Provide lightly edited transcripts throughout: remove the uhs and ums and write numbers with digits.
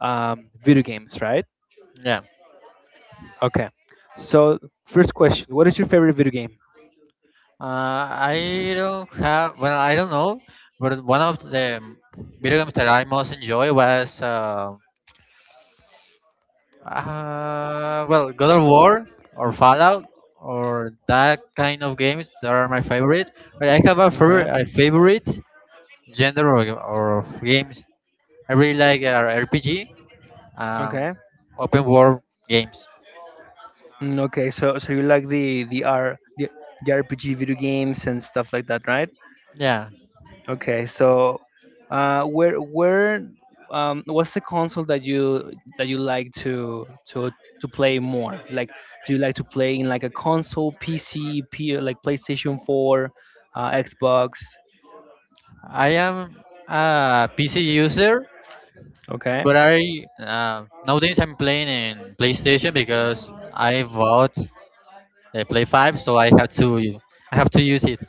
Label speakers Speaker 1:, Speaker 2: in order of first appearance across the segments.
Speaker 1: Video games, right?
Speaker 2: Yeah.
Speaker 1: Okay. So first question: what is your favorite video game?
Speaker 2: I don't have, well, I don't know, but one of the video games that I most enjoy was, well, God of War or Fallout or that kind of games that are my favorite. But I have
Speaker 1: Okay.
Speaker 2: a favorite genre or of games. I really like RPG, um,
Speaker 1: Okay.
Speaker 2: open world games.
Speaker 1: Mm, okay. So you like the RPG video games and stuff like that, right?
Speaker 2: Yeah,
Speaker 1: Okay, so where what's the console that you like to play more? Like, do you like to play in like a console, PC, like PlayStation 4, Xbox?
Speaker 2: I am a PC user,
Speaker 1: Okay.
Speaker 2: but I nowadays I'm playing in PlayStation because I bought a Play 5, so I have to use it.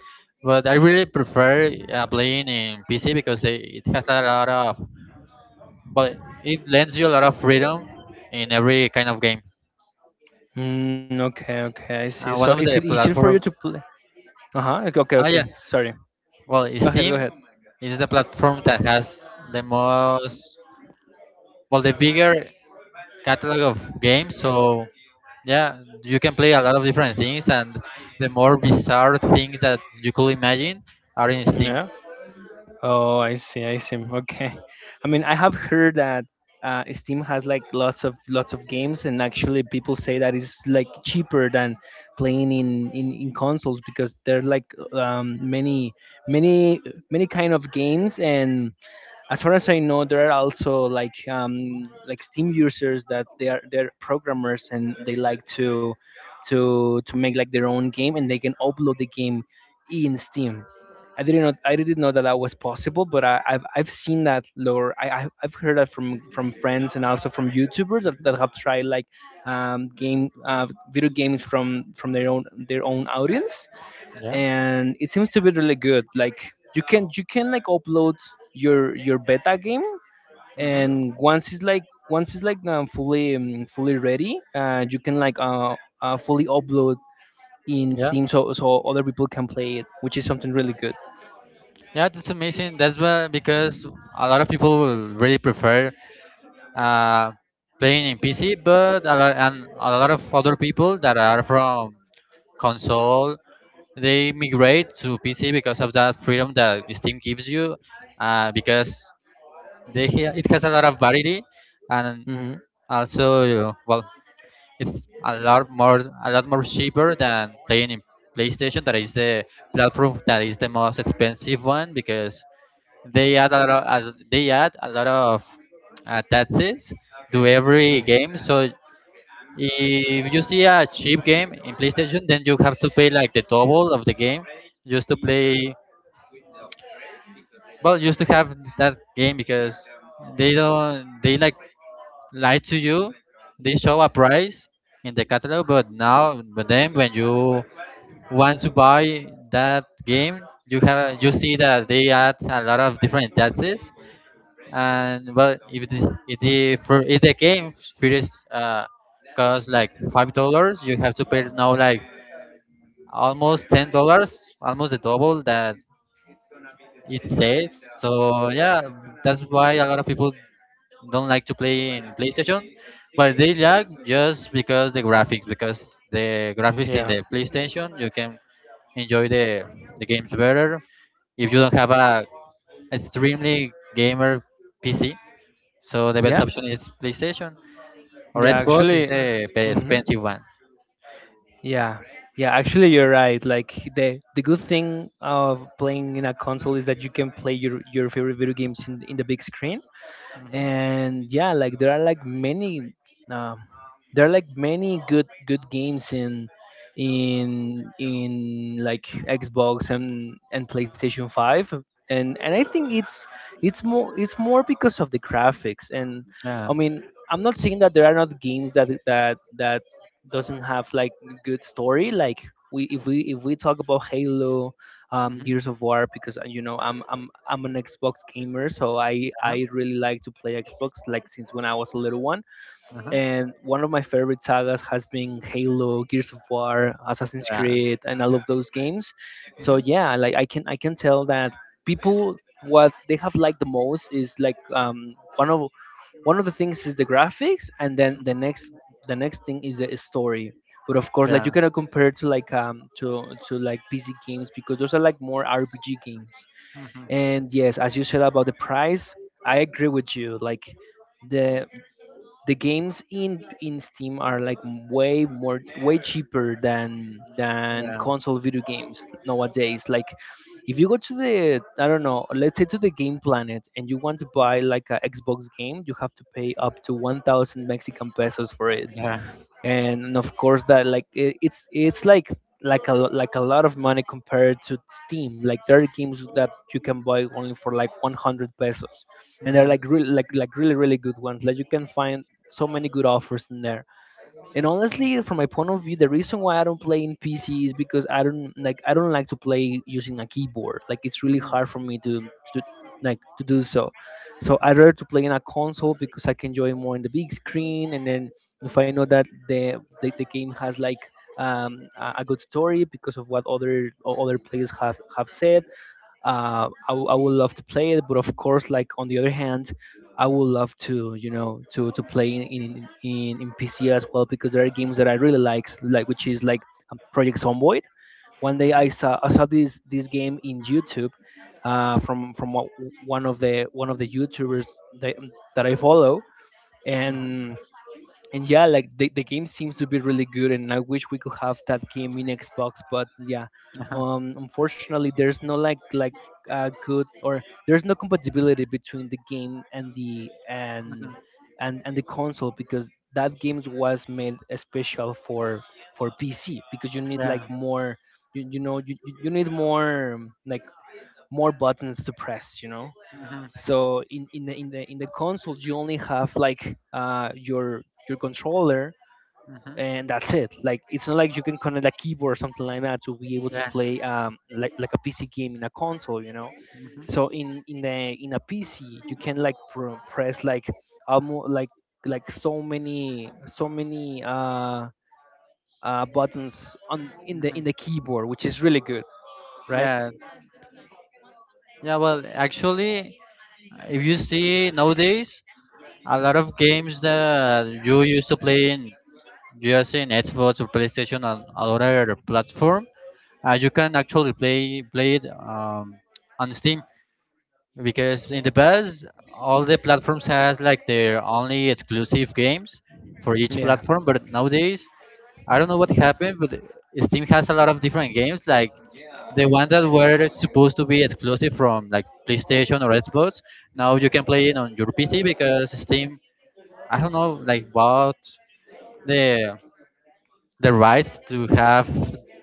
Speaker 2: But I really prefer playing in PC because it has a lot of, well, it lends you a lot of freedom in every kind of game.
Speaker 1: Mm, okay, okay, I see. So
Speaker 2: One
Speaker 1: is
Speaker 2: of
Speaker 1: it
Speaker 2: the
Speaker 1: easier for you to
Speaker 2: platform,
Speaker 1: play? Uh-huh. Okay, okay,
Speaker 2: oh
Speaker 1: okay.
Speaker 2: yeah,
Speaker 1: Sorry.
Speaker 2: well,
Speaker 1: Go ahead, go
Speaker 2: Steam
Speaker 1: ahead.
Speaker 2: is the platform that has the most, well, the bigger catalog of games, so yeah, you can play a lot of different things, and the more bizarre things that you could imagine are in Steam.
Speaker 1: Yeah. Oh, I see, I see. Okay. I mean, I have heard that Steam has like lots of games, and actually, people say that it's like cheaper than playing in consoles because there are like many many kind of games, and as far as I know, there are also like Steam users that they're programmers and they like to make like their own game and they can upload the game in Steam. I didn't know that that was possible, but I've seen that lore. I've heard that from friends and also from YouTubers that
Speaker 2: Mhm.
Speaker 1: have tried like game video games from their own audience,
Speaker 2: Yeah.
Speaker 1: and it seems to be really good. Like you can like upload your beta game,
Speaker 2: Hmm.
Speaker 1: and once it's like fully ready, you can like fully upload in
Speaker 2: Yeah,
Speaker 1: Steam so other people can play it, which is something really good.
Speaker 2: yeah, that's amazing. That's why, because a lot of people will really prefer uh, playing in PC, but a lot, and a lot of other people that are from console, they migrate to PC because of that freedom that Steam gives you, because it has a lot of variety. And
Speaker 1: Hmm.
Speaker 2: also, well, it's a lot more, a lot more cheaper than playing in PlayStation. That is the platform that is the most expensive one because they add a lot of, they add a lot of taxes to every game. So if you see a cheap game in PlayStation, then you have to pay like the double of the game just to play. Well, just to have that game, because they don't, they like lied to you. They show a price in the catalog, but now, but then when you want to buy that game, you have, you see that they add a lot of different taxes. And well, if the, for, if the game first costs like $5, you have to pay now like almost $10, almost the double that it says. So yeah, that's why a lot of people don't like to play in PlayStation, but they like, just because the
Speaker 1: Mm.
Speaker 2: graphics in
Speaker 1: Yeah.
Speaker 2: the PlayStation, you can enjoy the games better if you don't have a extremely gamer PC. So the best
Speaker 1: Yeah.
Speaker 2: option is PlayStation or
Speaker 1: Yeah.
Speaker 2: Xbox is
Speaker 1: Actually.
Speaker 2: the
Speaker 1: Hmm.
Speaker 2: expensive one.
Speaker 1: Yeah. Yeah. Actually, you're right. Like the good thing of playing in a console is that you can play your favorite video games in the big screen,
Speaker 2: Mhm.
Speaker 1: and yeah, like um, there are like many good games in like Xbox and PlayStation 5, and I think it's more because of the graphics. And
Speaker 2: Yeah.
Speaker 1: I mean, I'm not saying that there are not games that doesn't have like good story, like we if we if we talk about Halo,
Speaker 2: Mhm.
Speaker 1: Gears of War, because you know, I'm an Xbox gamer, so I
Speaker 2: Uh-huh.
Speaker 1: I really like to play Xbox like since when I was a little one.
Speaker 2: Uh-huh.
Speaker 1: And one of my favorite sagas has been Halo, Gears of War, Assassin's
Speaker 2: Yeah.
Speaker 1: Creed, and all of those games. So
Speaker 2: Mhm.
Speaker 1: yeah, like I can tell that people what they have liked the most is like one of the things is the graphics, and then the next thing is the story, but of course,
Speaker 2: Yeah.
Speaker 1: like you cannot compare it to like to like PC games because those are like more RPG games. And yes, as you said about the price, I agree with you, like the the games in Steam are like way cheaper than
Speaker 2: Yeah.
Speaker 1: console video games nowadays. Like if you go to the, I don't know, let's say to the Game Planet, and you want to buy like a Xbox game, you have to pay up to 1,000 Mexican pesos for it,
Speaker 2: Yeah.
Speaker 1: and of course that like it's like a lot of money compared to Steam. Like there are games that you can buy only for like 100 pesos, and they're like really really really good ones. Like you can find so many good offers in there. And honestly, from my point of view, the reason why I don't play in PC is because I don't like to play using a keyboard. Like it's really hard for me to to do so. So I rather to play in a console because I can enjoy more in the big screen. And then, if I know that the game has like a good story because of what other other players have said, I would love to play it, but of course, like on the other hand, I would love to you know to play in PC as well because there are games that I really like which is like Project Zomboid. One day
Speaker 2: Mhm.
Speaker 1: I saw this game in YouTube, from one of the YouTubers that, that I follow, and and yeah, like the game seems to be really good, and I wish we could have that game in Xbox. But yeah, unfortunately, there's no like like good or there's no compatibility between the game and the console because that game was made special for PC because you need like
Speaker 2: Yeah.
Speaker 1: more you need more like more buttons to press you know
Speaker 2: Hmm. Hmm.
Speaker 1: so in the console you only have like your controller and that's it. Like it's not like you can connect a keyboard or something like that to be able to
Speaker 2: Yeah.
Speaker 1: play like a PC game in a console.
Speaker 2: Hmm.
Speaker 1: So
Speaker 2: Hmm.
Speaker 1: in a PC you can like press like almost like so many buttons on in the keyboard, which is really good, right?
Speaker 2: Yeah. Yeah. Well, actually, if you see nowadays, a lot of games that you used to play in just in Xbox or PlayStation or other platform, you can actually play it on Steam, because in the past all the platforms has like their only exclusive games for each
Speaker 1: Yeah,
Speaker 2: platform. But nowadays, I don't know what happened, but Steam has a lot of different games, like the ones that were supposed to be exclusive from like PlayStation or Xbox, now you can play it on your PC because Steam, I don't know, like bought the the rights to have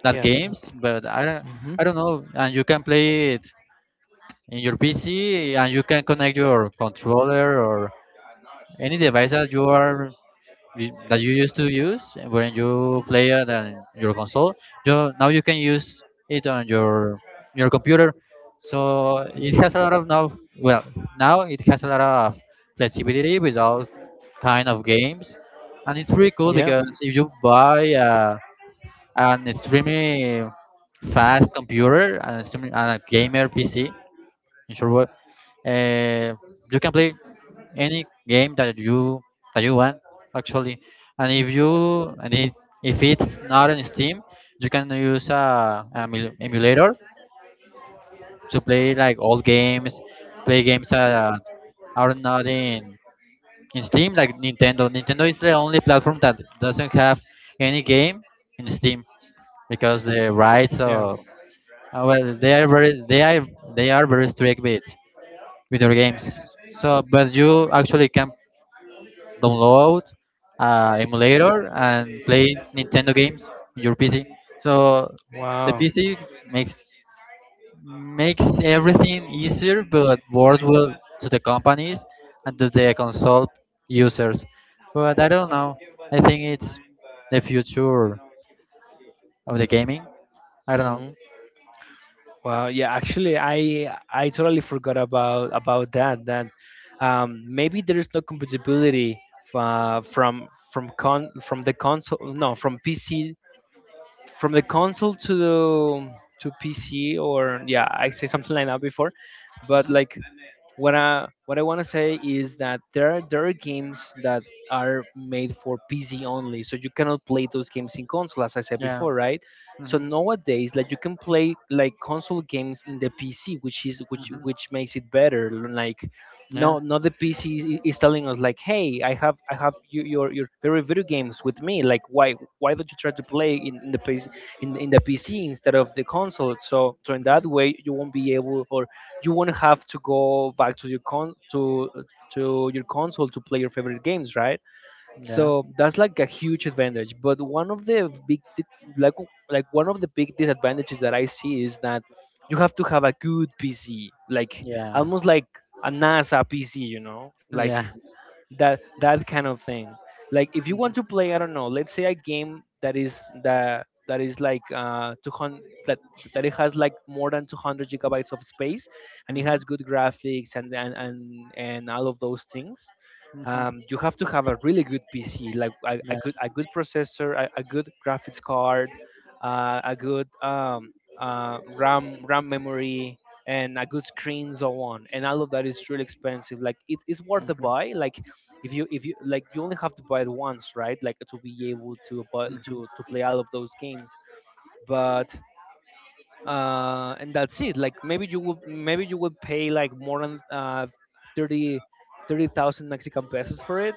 Speaker 2: that
Speaker 1: yeah,
Speaker 2: games, but
Speaker 1: hmm,
Speaker 2: I don't know, and you can play it in your PC, and you can connect your controller or any device that you are that you used to use when you play it on your console, you now you can use it on your computer. So it has a lot of, now, well, now it has a lot of flexibility with all kind of games. And it's pretty cool
Speaker 1: yeah,
Speaker 2: because if you buy an extremely fast computer and, extremely, and a gamer PC in short word, uh, you can play any game that you want, actually. And if you and it, if it's not on Steam, you can use a emulator to play like old games, play games that are not in in Steam. Like Nintendo, Nintendo is the only platform that doesn't have any game in Steam, because the rights
Speaker 1: yeah.
Speaker 2: of, well, they are very, they are, they are very strict with their games. So, but you actually can download emulator and play Nintendo games in your PC. So the
Speaker 1: Wow.
Speaker 2: PC makes makes everything easier, but worse will to the companies and to the console users. But I don't know, I think it's the future of the gaming. I don't know.
Speaker 1: Hmm. Wow, yeah, actually, I totally forgot about that. That maybe there is no compatibility from the console. No, from PC from the console to PC, or yeah, I say something like that before. But
Speaker 2: Hmm.
Speaker 1: like what I want to say is that there are games that are made for PC only, so you cannot play those games in console, as I said
Speaker 2: Yeah.
Speaker 1: before, right? So
Speaker 2: Hmm.
Speaker 1: nowadays, like you can play like console games in the PC, which is
Speaker 2: Hmm.
Speaker 1: which makes it better. Like,
Speaker 2: Yeah.
Speaker 1: no, not the PC is telling us like, hey, I have your favorite video games with me. Like, why don't you try to play in the PC instead of the console? So in that
Speaker 2: Hmm.
Speaker 1: way, you won't be able or you won't have to go back to your console to play your favorite games, right?
Speaker 2: Yeah.
Speaker 1: So that's like a huge advantage. But one of the big like one of the big disadvantages that I see is that you have to have a good PC, like
Speaker 2: Yeah.
Speaker 1: almost like a NASA PC, you know, like
Speaker 2: Yeah.
Speaker 1: that kind of thing. Like if you want to play, I don't know, let's say a game that that is like uh 200 that that it has like more than 200 gigabytes of space and it
Speaker 2: Hmm.
Speaker 1: has good graphics and and all of those things.
Speaker 2: Hmm.
Speaker 1: You have to have a really good PC like a, a
Speaker 2: Yeah.
Speaker 1: good a good processor, a good graphics card, a good RAM memory and a good screen so on, and all of that is really expensive. Like it's worth the buy, like if you like you only have to buy it once, right, like to be able to buy, to play all of those games. But and that's it. Like maybe you would pay like more than 30 30,000 Mexican pesos for it.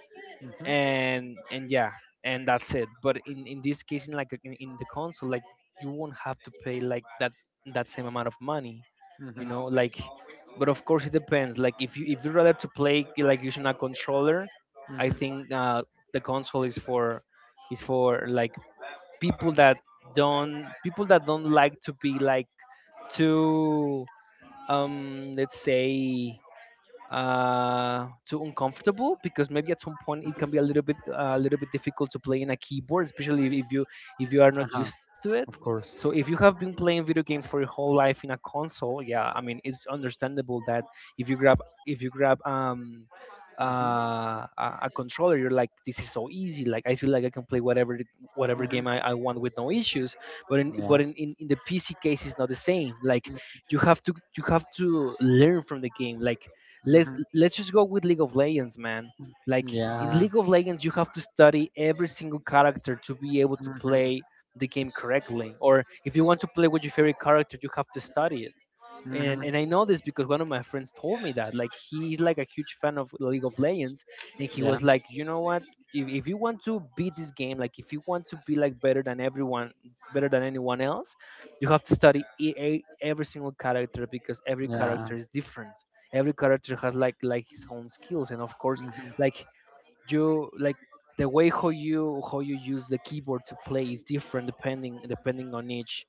Speaker 1: And yeah, and that's it. But in this case, in the console, like you won't have to pay like that same amount of money
Speaker 2: Mhm.
Speaker 1: you know like but of course it depends, like if you rather to play like using a controller. I
Speaker 2: Mhm.
Speaker 1: think the console is for like people that people that don't like to be like too let's say, too uncomfortable, because maybe at some point it can be a little bit difficult to play in a keyboard, especially if you are not
Speaker 2: Uh-huh.
Speaker 1: used to it.
Speaker 2: Of
Speaker 1: So
Speaker 2: course.
Speaker 1: if you have been playing video games for your whole life in a console, yeah, I mean it's understandable that if you grab if you grab
Speaker 2: Mhm.
Speaker 1: a controller, you're like, this is so easy. Like I feel like I can play whatever
Speaker 2: Mhm.
Speaker 1: game I want with no issues. But in
Speaker 2: Yeah.
Speaker 1: but in the PC case, it's not the same. Like you have to learn from the game. Like let's
Speaker 2: Mhm.
Speaker 1: just go with League of Legends, man. Like in
Speaker 2: Yeah.
Speaker 1: League of Legends, you have to study every single character to be able to play the game correctly. Or if you want to play with your favorite character, you have to study it, and
Speaker 2: Mhm.
Speaker 1: and I know this because one of my friends told me that, like, he's like a huge fan of League of Legends, and he
Speaker 2: Yeah.
Speaker 1: was like, you know what? If you want to beat this game, like if you want to be like better than everyone, better than anyone else, you have to study every single character because every
Speaker 2: Yeah.
Speaker 1: character is different. Every character has like his own skills, and of course,
Speaker 2: Mhm.
Speaker 1: like you like the way how you use the keyboard to play is different depending on each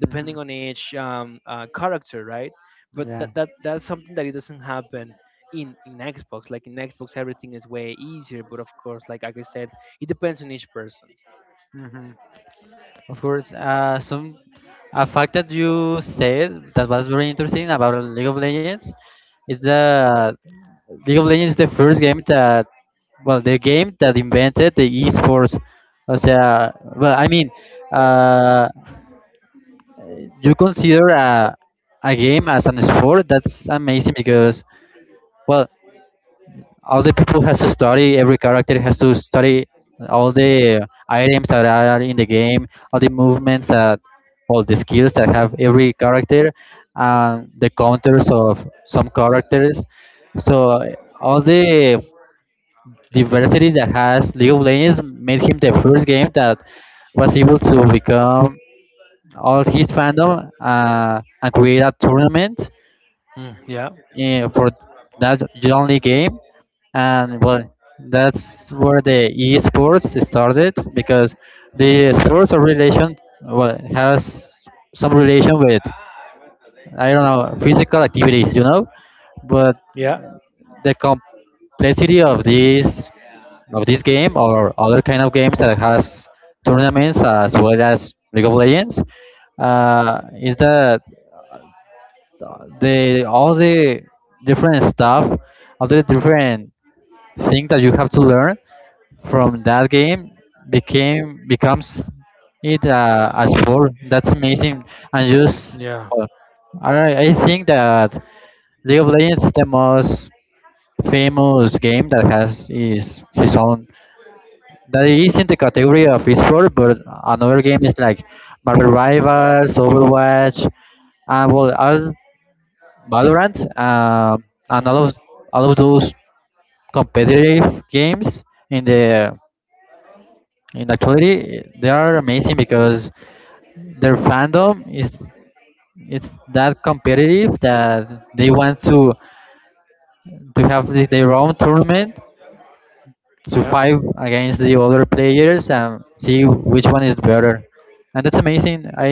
Speaker 2: Mhm.
Speaker 1: character, right? But
Speaker 2: Yeah.
Speaker 1: that's something that it doesn't happen in Xbox. Like in Xbox everything is way easier, but of course, like I said, it depends on each person.
Speaker 2: Mhm. Of course. Some a fact that you said that was very interesting about League of Legends is that League of Legends is the first game that, well, the game that invented the esports. O sea, well, I mean, uh, you consider a game as an sport? That's amazing because, well, all the people has to study, every character has to study all the items that are in the game, all the movements that, all the skills that have every character, and the counters of some characters. So all the veracity that has League of Legends made him the first game that was able to become all his fandom, and create a tournament,
Speaker 1: Mm, yeah,
Speaker 2: eh, for that only game. And well, that's where the esports started, because the sports are relation, well, has some relation with, I don't know, physical activities, you know, but
Speaker 1: yeah,
Speaker 2: the complexity of this game, or other kind of games that has tournaments as well as League of Legends, is that the all the different stuff, all the different things that you have to learn from that game became becomes it as sport. That's amazing, and just,
Speaker 1: yeah,
Speaker 2: uh, I think that League of Legends the most famous game that has is his own that is in the category of esports, but another game is like Marvel Rivals, Overwatch, and well, all- Valorant, and
Speaker 1: mhm,
Speaker 2: all of those competitive games in the, in actuality, they are amazing because their fandom is it's that competitive, that they want to have the, their own tournament to
Speaker 1: yeah,
Speaker 2: fight against the other players and see which one is better. And that's amazing, i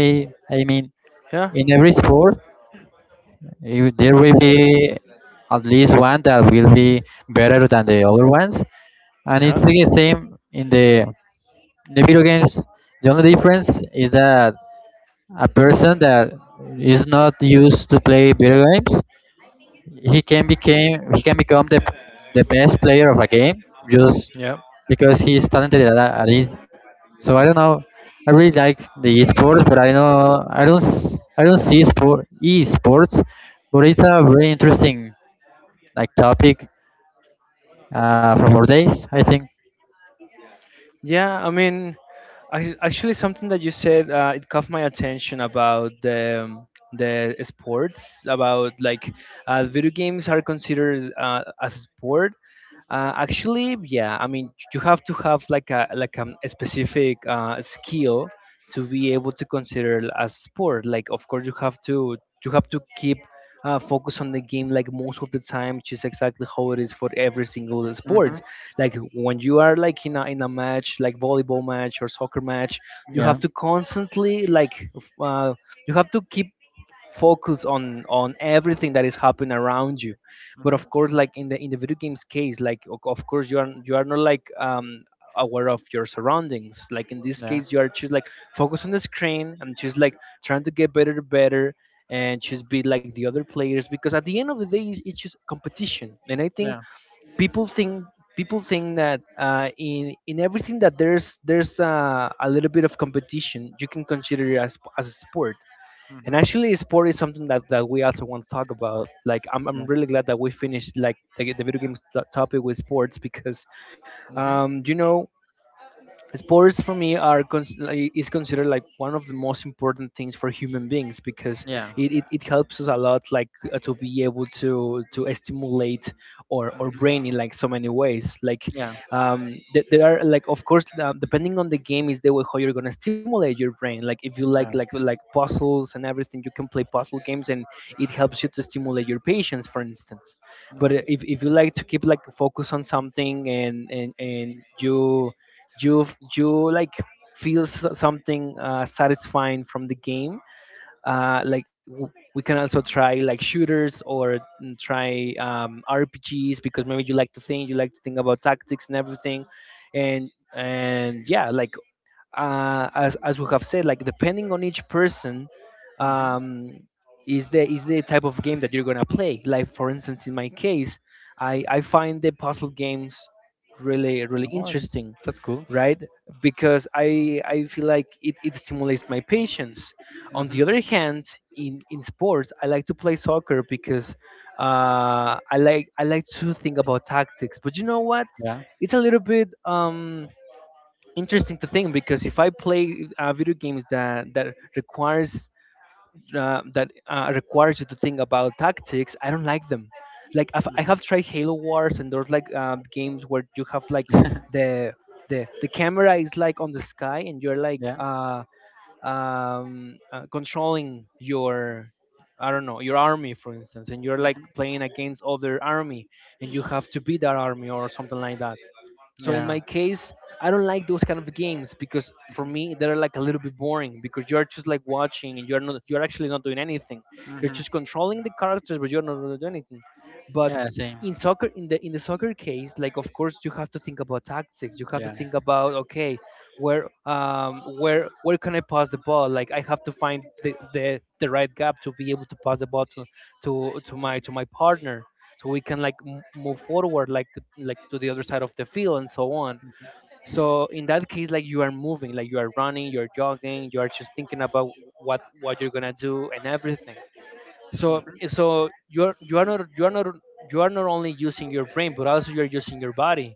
Speaker 2: i mean,
Speaker 1: yeah.
Speaker 2: in every sport, you, there will be at least one that will be better than the other ones, and it's
Speaker 1: Yeah.
Speaker 2: the same in the video games. The only difference is that a person that is not used to play video games, he can became he can become the best player of a game just
Speaker 1: Yeah.
Speaker 2: because he is talented at it. So I don't know, I really like the esports, but I know I don't see sport esports, but it's a very interesting, like, topic for more days, I think.
Speaker 1: Yeah. I mean, actually, something that you said it caught my attention about the sports, about like video games are considered as a sport. Actually, yeah. I mean, you have to have like a specific skill to be able to consider it as sport. Like, of course, you have to keep focus on the game like most of the time, which is exactly how it is for every single sport.
Speaker 2: Hmm.
Speaker 1: Like when you are like in a match, like volleyball match or soccer match, you have
Speaker 2: Yeah.
Speaker 1: to constantly like you have to keep focus on everything that is happening around you. But of course, like in the video games case, like of course you are not like aware of your surroundings. Like in this
Speaker 2: Yeah.
Speaker 1: case you are just like focus on the screen and just like trying to get better and better and just be like the other players, because at the end of the day it's just competition. And I think
Speaker 2: Yeah.
Speaker 1: people think people think that in everything that there's a little bit of competition, you can consider it as a sport. And
Speaker 2: Hmm.
Speaker 1: actually, sport is something that, we also want to talk about. Like, I'm
Speaker 2: Yeah.
Speaker 1: really glad that we finished like the video games topic with sports, because,
Speaker 2: Hmm.
Speaker 1: you know, sports for me are is considered like one of the most important things for human beings, because
Speaker 2: Yeah.
Speaker 1: it helps us a lot, like to be able to stimulate or
Speaker 2: Hmm.
Speaker 1: brain in like so many ways. Like
Speaker 2: Yeah.
Speaker 1: there are like, of course, depending on the game is the way how you're gonna stimulate your brain. Like if you
Speaker 2: Yeah.
Speaker 1: like puzzles and everything, you can play puzzle games, and it helps you to stimulate your patience, for instance. But if you like to keep like focus on something, and you you you like feel something satisfying from the game, like we can also try like shooters, or mm, try rpgs, because maybe you like to think, about tactics and everything. And yeah, like as we have said, like depending on each person,
Speaker 2: Hmm.
Speaker 1: um, is the type of game that you're gonna play. Like for instance, in my case, I find the puzzle games really really
Speaker 2: Oh,
Speaker 1: interesting,
Speaker 2: that's cool.
Speaker 1: right? Because I feel like it stimulates my patience. On the
Speaker 2: Hmm.
Speaker 1: other hand, in sports, I like to play soccer because I like to think about tactics. But you know what?
Speaker 2: Yeah.
Speaker 1: It's a little bit interesting to think, because if I play video games that requires that requires you to think about tactics, I don't like them. Like I have tried Halo Wars, and there's like games where you have like the the camera is like on the sky and you're like
Speaker 2: Yeah.
Speaker 1: controlling your, I don't know, your army for instance, and you're like playing against other army and you have to beat that army or something like that. So in my
Speaker 2: Yeah.
Speaker 1: case, I don't like those kind of games, because for me they're like a little bit boring, because you're just like watching and you're actually not doing anything. You're
Speaker 2: Hmm.
Speaker 1: just controlling the characters, but you're not really doing anything. But
Speaker 2: Yeah. Same.
Speaker 1: in soccer, in the soccer case, like of course you have to think about tactics. You have to
Speaker 2: Yeah.
Speaker 1: think about, okay, where where can I pass the ball? Like I have to find the right gap to be able to pass the ball to to my partner, so we can like move forward like to the other side of the field and so on. So in that case, like, you are moving, like you are running, you're jogging, you are just thinking about what you're gonna do and everything. So so you're you are not you are not you are not only using your brain, but also you're using your body.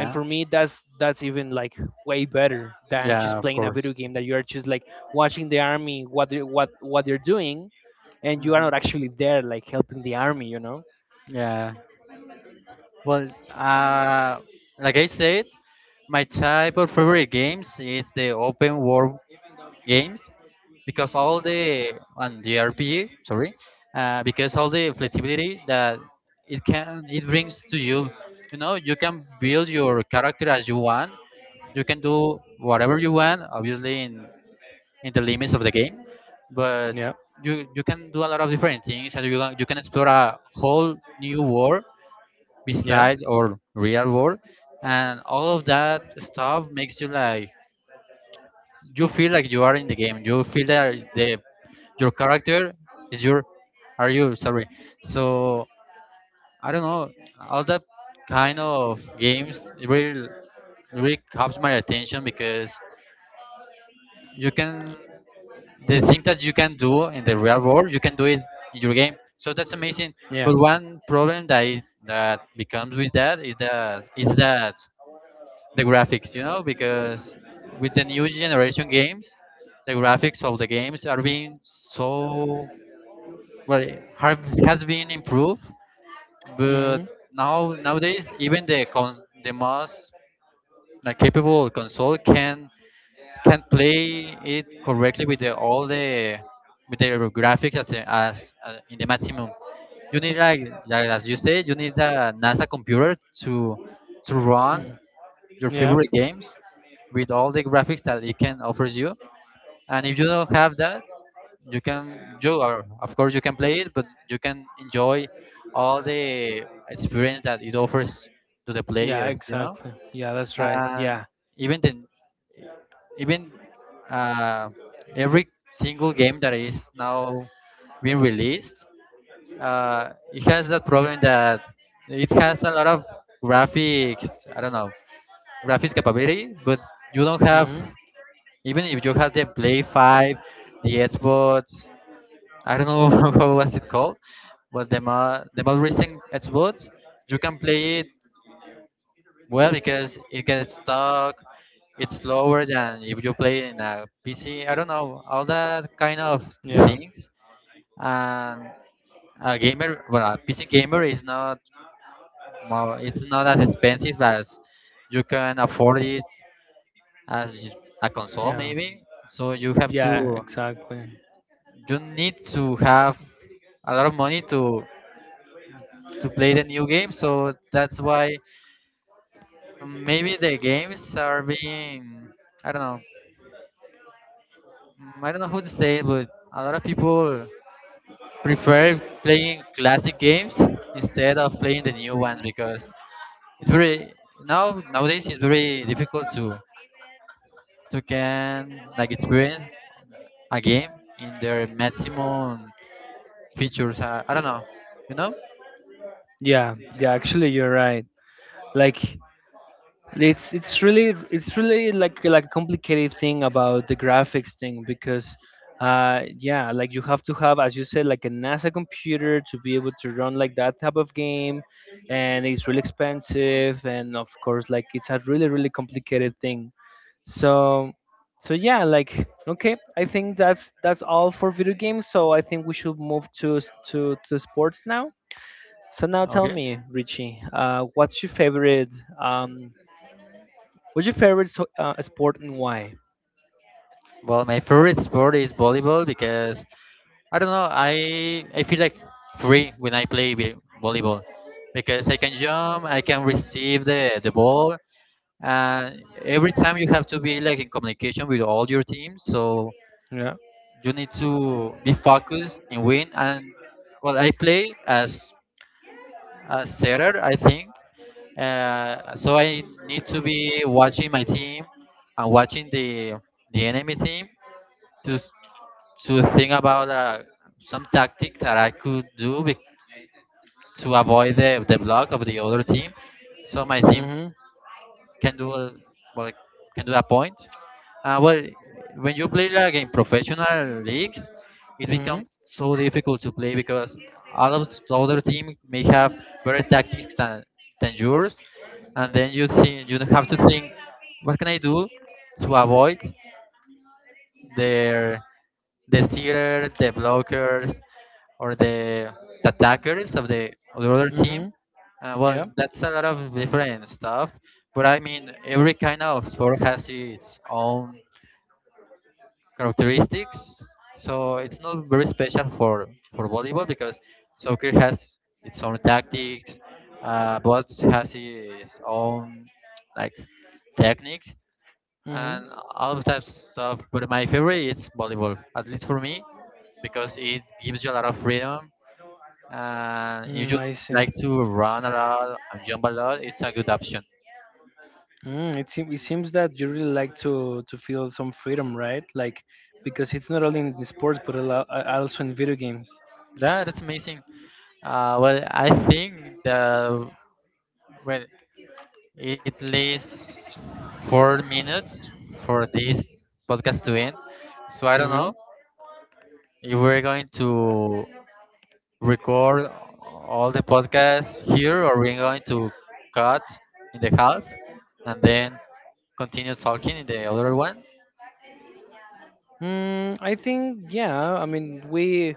Speaker 1: And for me that's even like way better than just
Speaker 2: Yeah. Of
Speaker 1: playing a video
Speaker 2: course.
Speaker 1: game that you're just like watching the army what what they're doing, and you are
Speaker 2: Mhm.
Speaker 1: not actually there like helping the army, you know?
Speaker 2: Yeah. Well, uh, like I said, my type of favorite games is the open world games, because all the, and the RPG, sorry, because all the flexibility that it can it brings to you. You know, you can build your character as you want. You can do whatever you want, obviously in the limits of the game, but
Speaker 1: Yeah.
Speaker 2: you can do a lot of different things, and you can explore a whole new world,
Speaker 1: Yeah.
Speaker 2: besides or real world, and all of that stuff makes you like you feel like you are in the game, you feel that the your character is your are you, sorry. So I don't know, all that kind of games really really captures my attention, because you can, the thing that you can do in the real world you can do it in your game, so that's amazing.
Speaker 1: Yeah.
Speaker 2: But one problem that is, that becomes with that, is that is that the graphics, you know, because with the new generation games, the graphics of the games are being so, well, have, has been improved, but
Speaker 1: hmm
Speaker 2: now nowadays even the the most, like, capable console can play it correctly with the, all the, with the graphics as, as in the maximum. You need like as you say, you need a NASA computer to to run your
Speaker 1: Yeah.
Speaker 2: favorite games with all the graphics that it can offers you. And if you don't have that, you can, you are, of course, you can play it, but you can enjoy all the experience that it offers to the
Speaker 1: Yeah.
Speaker 2: players, you know.
Speaker 1: Exactly. Yeah. That's right.
Speaker 2: And
Speaker 1: Yeah.
Speaker 2: even the even uh, every single game that is now being released, it has that problem that it has a lot of graphics. I don't know graphics capability, but you don't have...
Speaker 1: hmm
Speaker 2: Even if you have the Play 5, the Xbox, I don't know what was it called, but the the most recent Xbox, you can play it well because it gets stuck. It's slower than if you play it in a PC. I don't know all that kind of
Speaker 1: Yeah.
Speaker 2: things. And a gamer, well, a PC gamer is not more. It's not as expensive as you can afford it as a console
Speaker 1: Yeah.
Speaker 2: maybe. So
Speaker 1: Yeah. Exactly.
Speaker 2: you need to have a lot of money to play the new game. So that's why maybe the games are being, I don't know, I don't know who to say, but a lot of people prefer playing classic games instead of playing the new ones because it's very now nowadays it's very difficult to can like experience a game in their maximum features. I don't know, you know.
Speaker 1: Yeah. Yeah. Actually, you're right. Like it's really like a complicated thing about the graphics thing, because yeah, like you have to have, as you said, like a NASA computer to be able to run like that type of game, and it's really expensive, and of course like it's a really really complicated thing. So so yeah, like, okay, I think that's all for video games, so I think we should move to to sports now. So now tell
Speaker 2: Okay.
Speaker 1: me, Richie, what's your favorite um what's your favorite so, sport, and why?
Speaker 2: Well, my favorite sport is volleyball because I don't know. I feel like free when I play volleyball because I can jump, I can receive the ball, and every time you have to be like in communication with all your team, so
Speaker 1: Yeah.
Speaker 2: you need to be focused and win. And well, I play as a setter, I think. So I need to be watching my team and watching the enemy team to. s- to think about some tactic that I could do to avoid the block of the other team, so my team
Speaker 1: Mhm.
Speaker 2: can do a, well, can do a point. Uh, well, when you play like in professional leagues, it becomes
Speaker 1: Mhm.
Speaker 2: so difficult to play because all of the other team may have better tactics than yours, and then you have to think, what can I do to avoid their... the stealer, the blockers, or the attackers of the other team.
Speaker 1: Mhm. Yeah.
Speaker 2: That's a lot of different stuff. But I mean, every kind of sport has its own characteristics, so it's not very special for volleyball because soccer has its own tactics, both has its own, like, technique
Speaker 1: Mhm.
Speaker 2: and all of that stuff. But my favorite is volleyball, at least for me, because it gives you a lot of freedom and if
Speaker 1: Mm,
Speaker 2: you
Speaker 1: I see.
Speaker 2: like to run a lot and jump a lot, it's a good option.
Speaker 1: Mm, it seems that you really like to feel some freedom, right? Like, because it's not only in the sports but also in video games.
Speaker 2: Yeah, that's amazing. I think well, it leaves 4 minutes for this podcast to end. So I don't
Speaker 1: Mhm.
Speaker 2: know if we're going to record all the podcasts here or we're going to cut in the half and then continue talking in the other one.
Speaker 1: Mm, I think yeah. I mean,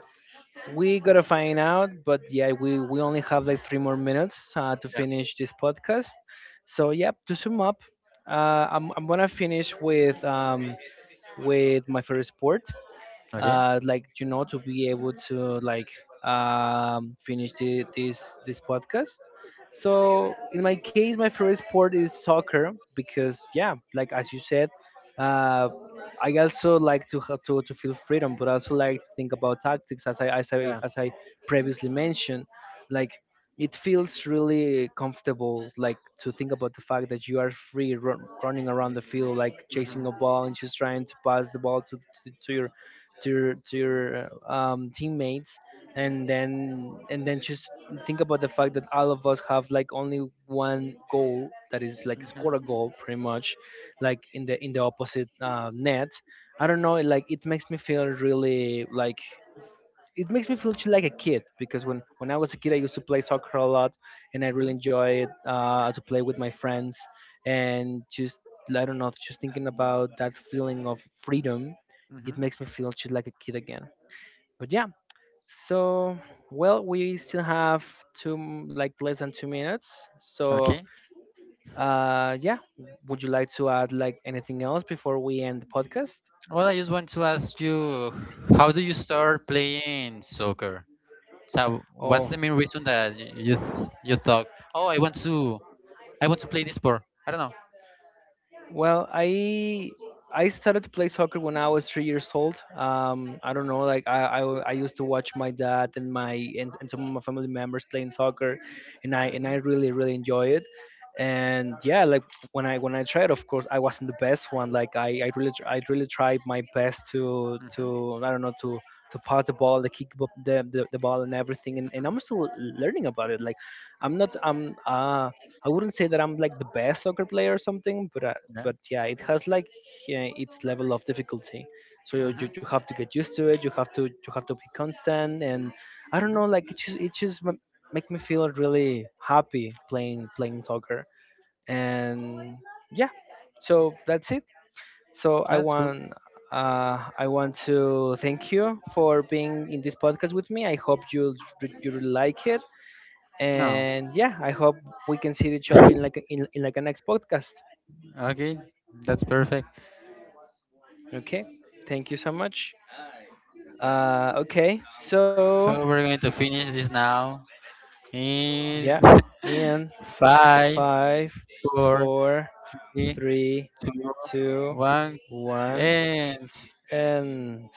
Speaker 1: we gotta find out, but yeah, we only have like three more minutes to
Speaker 2: Yeah.
Speaker 1: finish this podcast. So yeah, to sum up, I'm gonna finish with my favorite sport,
Speaker 2: Okay.
Speaker 1: like, you know, to be able to like finish this
Speaker 2: Yeah.
Speaker 1: podcast. So in my case, my favorite sport is soccer, because yeah, like as you said, uh, I also like to, to feel freedom, but also like to think about tactics as I previously mentioned. Like, it feels really comfortable, like, to think about the fact that you are free running around the field, like
Speaker 2: Hmm.
Speaker 1: chasing a ball and just trying to pass the ball to, to your teammates, and then just think about the fact that all of us have like only one goal, that is like score a goal pretty much, like in the opposite net. I don't know, like, it makes me feel really like, it makes me feel like a kid, because when I was a kid, I used to play soccer a lot, and I
Speaker 2: Hmm.
Speaker 1: really
Speaker 2: Hmm.
Speaker 1: enjoyed to play with my friends, and just, I don't know, just thinking about that feeling of freedom, it
Speaker 2: Hmm.
Speaker 1: makes me feel just like a kid again. But yeah, so, well, we still have like less than two minutes. So
Speaker 2: Okay.
Speaker 1: yeah, would you like to add like anything else before we end the podcast?
Speaker 2: Well, I just want to ask you, how do you start playing soccer? So, what's
Speaker 1: Oh,
Speaker 2: the main reason that you thought, oh, I want to... I want to play this sport? I don't know.
Speaker 1: well, I started to play soccer when I was three years old. I don't know, like I used to watch my dad and my and some of my family members playing soccer, and I really really enjoy it. And yeah, like when I tried, of course, I wasn't the best one. Like I really I really tried my best to,
Speaker 2: Mhm.
Speaker 1: I don't know, to pass the ball, the kick the ball and everything. And I'm still learning about it. Like I'm not I'm uh I wouldn't say that I'm like the best soccer player or something,
Speaker 2: Mhm.
Speaker 1: but yeah, it has like its level of difficulty. So
Speaker 2: Yeah. Mhm.
Speaker 1: you have to get used to it. You have to be constant, and I don't
Speaker 2: Mhm.
Speaker 1: know, like it just make me feel really happy playing soccer. And yeah, so that's it. So
Speaker 2: That's good.
Speaker 1: I want to thank you for being in this podcast with me. I hope you really like it.
Speaker 2: No.
Speaker 1: And yeah, I hope we can see each other in like in like a next podcast.
Speaker 2: Okay, that's perfect.
Speaker 1: Okay. Thank you so much. Okay, so
Speaker 2: So we're going to finish this now
Speaker 1: yeah,
Speaker 2: in
Speaker 1: in
Speaker 2: five,
Speaker 1: five,
Speaker 2: four,
Speaker 1: four,
Speaker 2: three,
Speaker 1: three,
Speaker 2: two,
Speaker 1: two,
Speaker 2: one,
Speaker 1: one,
Speaker 2: and
Speaker 1: and